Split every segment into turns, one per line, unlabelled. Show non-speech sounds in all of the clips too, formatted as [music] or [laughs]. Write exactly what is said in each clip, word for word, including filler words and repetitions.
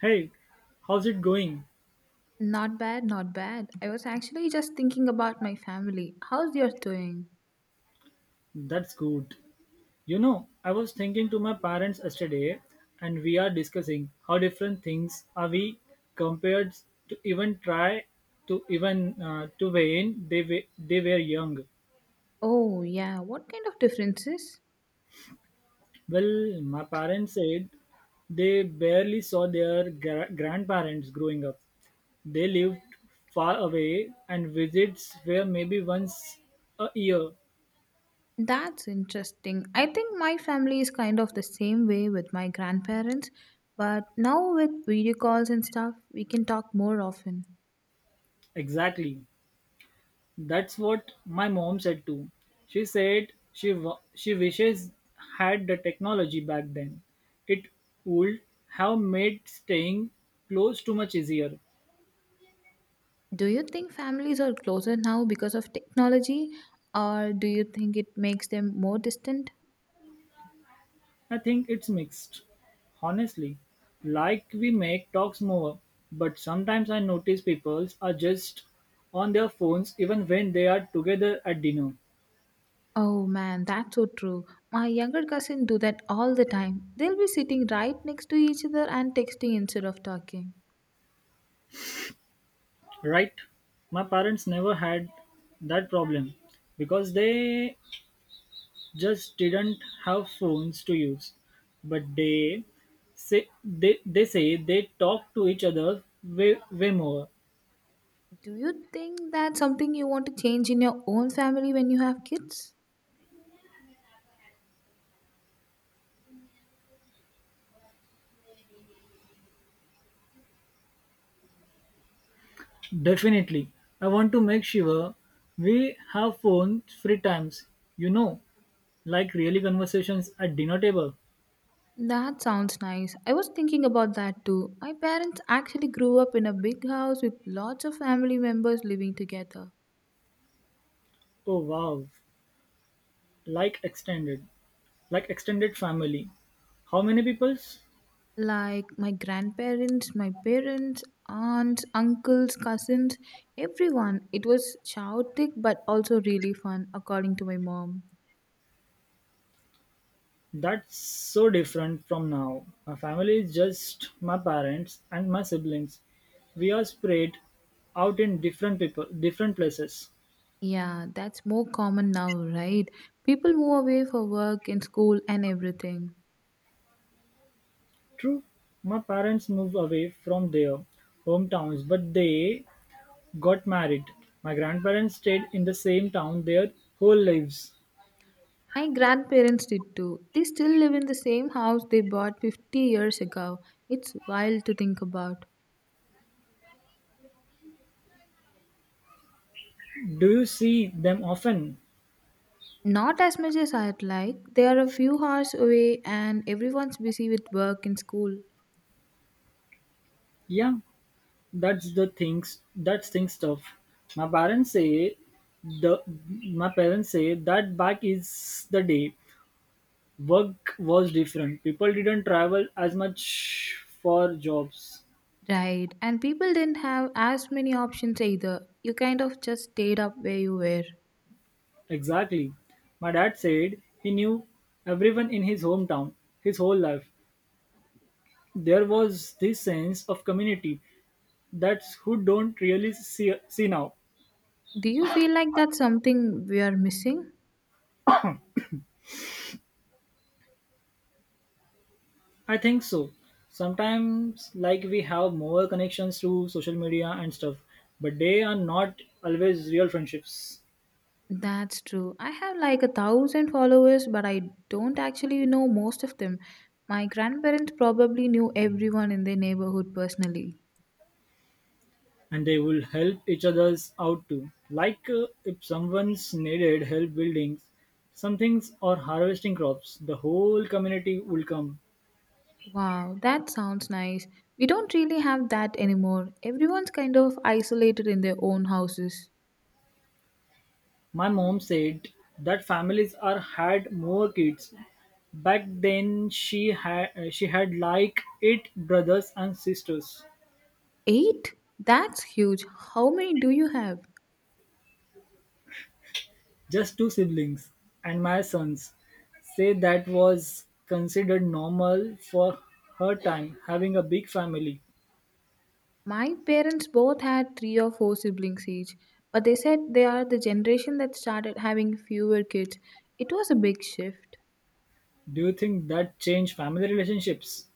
Hey, how's it going?
Not bad, not bad. I was actually just thinking about my family. How's yours doing?
That's good. You know, I was thinking to my parents yesterday and we are discussing how different things are we compared to even try to even uh, to when they were, they were young.
Oh, yeah. What kind of differences?
Well, my parents said they barely saw their gra- grandparents growing up. They lived far away and visits were maybe once a year
That's interesting. I think my family is kind of the same way with my grandparents, but now with video calls and stuff, we can talk more often.
exactly. That's what my mom said too. She said she w- she wishes had the technology back then. It would have made staying close too much easier.
Do you think families are closer now because of technology, or do you think it makes them more distant?
I think it's mixed. Honestly, like we make talks more, but sometimes I notice people are just on their phones even when they are together at dinner.
Oh man, that's so true. My younger cousin do that all the time. They'll be sitting right next to each other and texting instead of talking.
Right? My parents never had that problem because they just didn't have phones to use. But they say they, they say they talk to each other way, way more.
Do you think that's something you want to change in your own family when you have kids?
Definitely. I want to make sure we have phone free times, you know, like really conversations at dinner table.
That sounds nice. I was thinking about that too. My parents actually grew up in a big house with lots of family members living together.
Oh wow. Like extended. Like extended family. How many peoples?
Like my grandparents, my parents, aunts, uncles, cousins, everyone. It was chaotic but also really fun, according to my mom.
That's so different from now. My family is just my parents and my siblings. We are spread out in different people, different places.
Yeah, that's more common now, right? People move away for work and school and everything.
True, my parents moved away from their hometowns, but they got married. My grandparents stayed in the same town their whole lives.
My grandparents did too. They still live in the same house they bought fifty years ago. It's wild to think about.
Do you see them often?
Not as much as I'd like. They are a few hours away and everyone's busy with work and school.
Yeah, that's the things. That's thing stuff. My parents say the my parents say that back is the day. Work was different. People didn't travel as much for jobs.
Right. And people didn't have as many options either. You kind of just stayed up where you were.
Exactly. My dad said he knew everyone in his hometown his whole life. There was this sense of community that's who don't really see, see now.
Do you feel like that's something we are missing?
I think so. Sometimes, like, we have more connections through social media and stuff, but they are not always real friendships.
That's true. I have like a thousand followers, but I don't actually know most of them. My grandparents probably knew everyone in their neighborhood personally.
And they will help each other out too. Like uh, if someone's needed help building something or harvesting crops, the whole community will come.
Wow, that sounds nice. We don't really have that anymore. Everyone's kind of isolated in their own houses.
My mom said that families are had more kids. Back then she had she had like eight brothers and sisters,
Eight? That's huge. How many do you have?
just two siblings and my sons. Say that was considered normal for her time having a big family.
My parents both had three or four siblings each, but they said they are the generation that started having fewer kids. It was a big shift.
Do you think that changed family relationships?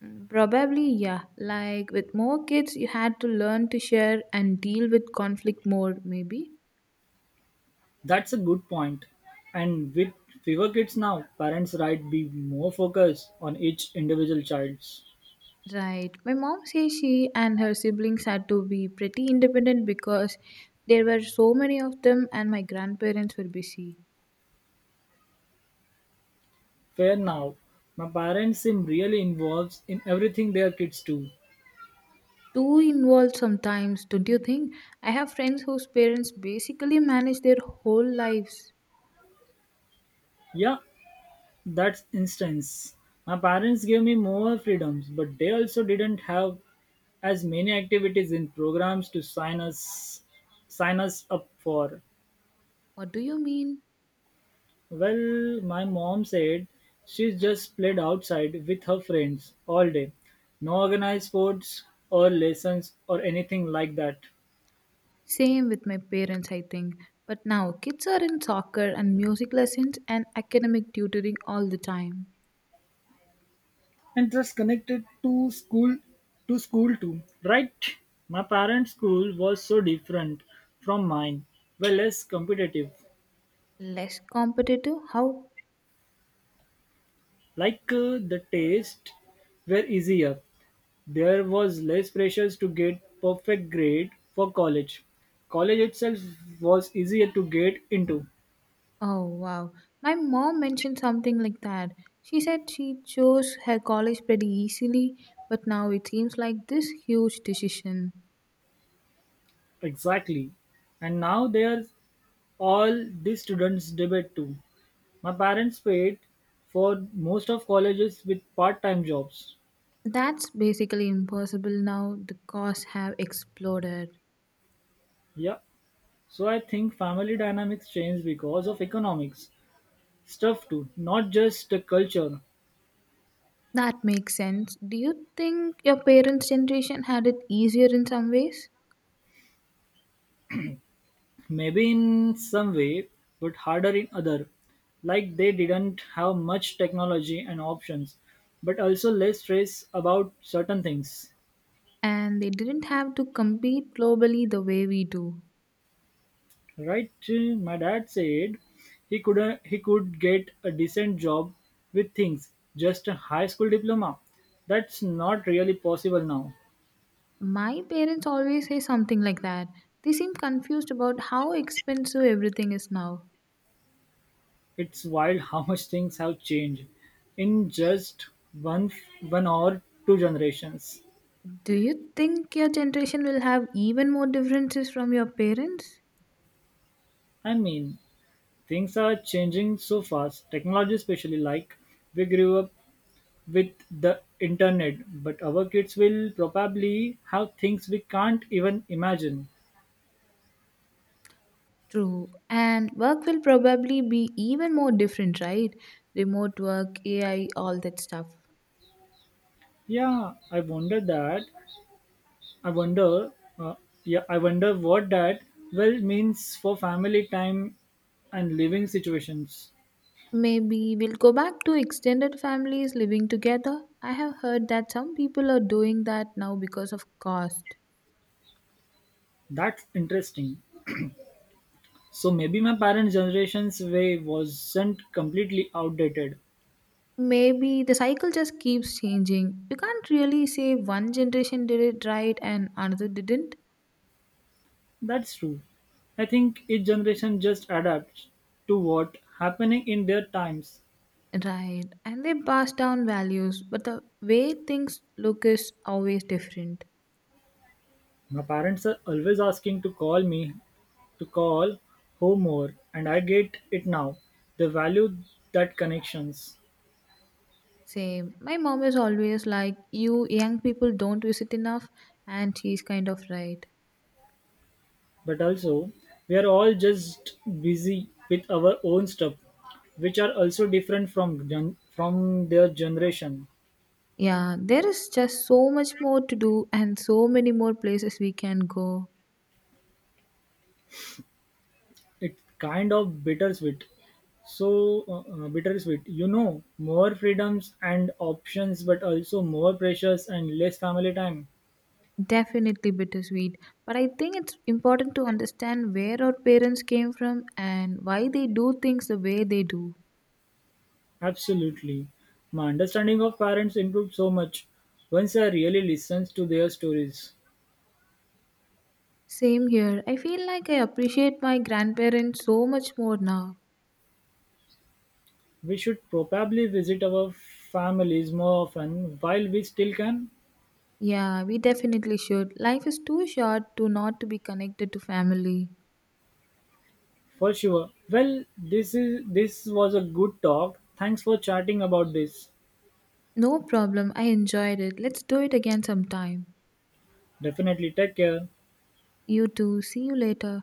Mm, probably, yeah. Like with more kids, you had to learn to share and deal with conflict more, maybe.
That's a good point. And with fewer kids now, parents right be more focused on each individual child's.
Right. My mom says she and her siblings had to be pretty independent because there were so many of them and my grandparents were busy.
Fair now. My parents seem really involved in everything their kids do.
Too involved sometimes, don't you think? I have friends whose parents basically manage their whole lives.
Yeah, that's instance. My parents gave me more freedoms, but they also didn't have as many activities and programs to sign us sign us up for.
What do you mean?
Well, my mom said she just played outside with her friends all day. No organized sports or lessons or anything like that.
Same with my parents, I think. But now kids are in soccer and music lessons and academic tutoring all the time.
And just connected to school to school too, right? My parents' school was so different from mine. Well less competitive.
Less competitive? How?
Like uh, the taste were easier. There was less pressures to get perfect grade for college. College itself was easier to get into.
Oh wow. My mom mentioned something like that. She said she chose her college pretty easily, but now it seems like this huge decision.
Exactly. And now there's all these students debate too. My parents paid for most of colleges with part-time jobs.
That's basically impossible now. The costs have exploded.
Yeah. So I think family dynamics change because of economics stuff too, not just the culture.
That makes sense. Do you think your parents' generation had it easier in some ways?
Maybe in some way, but harder in other. Like they didn't have much technology and options, but also less stress about certain things.
And they didn't have to compete globally the way we do.
Right, uh, my dad said he could uh, he could get a decent job with things just a high school diploma. That's not really possible now.
My parents always say something like that. They seem confused about how expensive everything is now.
It's wild [laughs] how much things have changed in just one one or two generations.
Do you think your generation will have even more differences from your parents?
I mean, things are changing so fast. Technology, especially, like we grew up with the internet, but our kids will probably have things we can't even imagine.
True. And work will probably be even more different, right? Remote work, A I, all that stuff.
Yeah, I wonder that. I wonder. Uh, yeah, I wonder what that well means for family time and living situations.
Maybe we'll go back to extended families living together. I have heard that some people are doing that now because of cost.
That's interesting. So maybe my parents' generation's way wasn't completely outdated.
Maybe the cycle just keeps changing. You can't really say one generation did it right and another didn't.
That's true. I think each generation just adapts to what happening in their times.
Right. And they pass down values, but the way things look is always different.
My parents are always asking to call me To call home more and I get it now. They value that connections.
Same. My mom is always like, you young people don't visit enough, and she's kind of right.
But also, we're all just busy with our own stuff, which are also different from gen- from their generation.
Yeah, there is just so much more to do and so many more places we can go.
It's kind of bittersweet. So uh, uh, bittersweet, you know, more freedoms and options, but also more pressures and less family time.
Definitely bittersweet. But I think it's important to understand where our parents came from and why they do things the way they do.
Absolutely, my understanding of parents improved so much once I really listened to their stories.
Same here. I feel like I appreciate my grandparents so much more now.
We should probably visit our families more often while we still can.
Yeah, we definitely should. Life is too short to not to be connected to family.
For sure. Well, this is this was a good talk. Thanks for chatting about this.
No problem. I enjoyed it. Let's do it again sometime.
Definitely take care.
You too. See you later.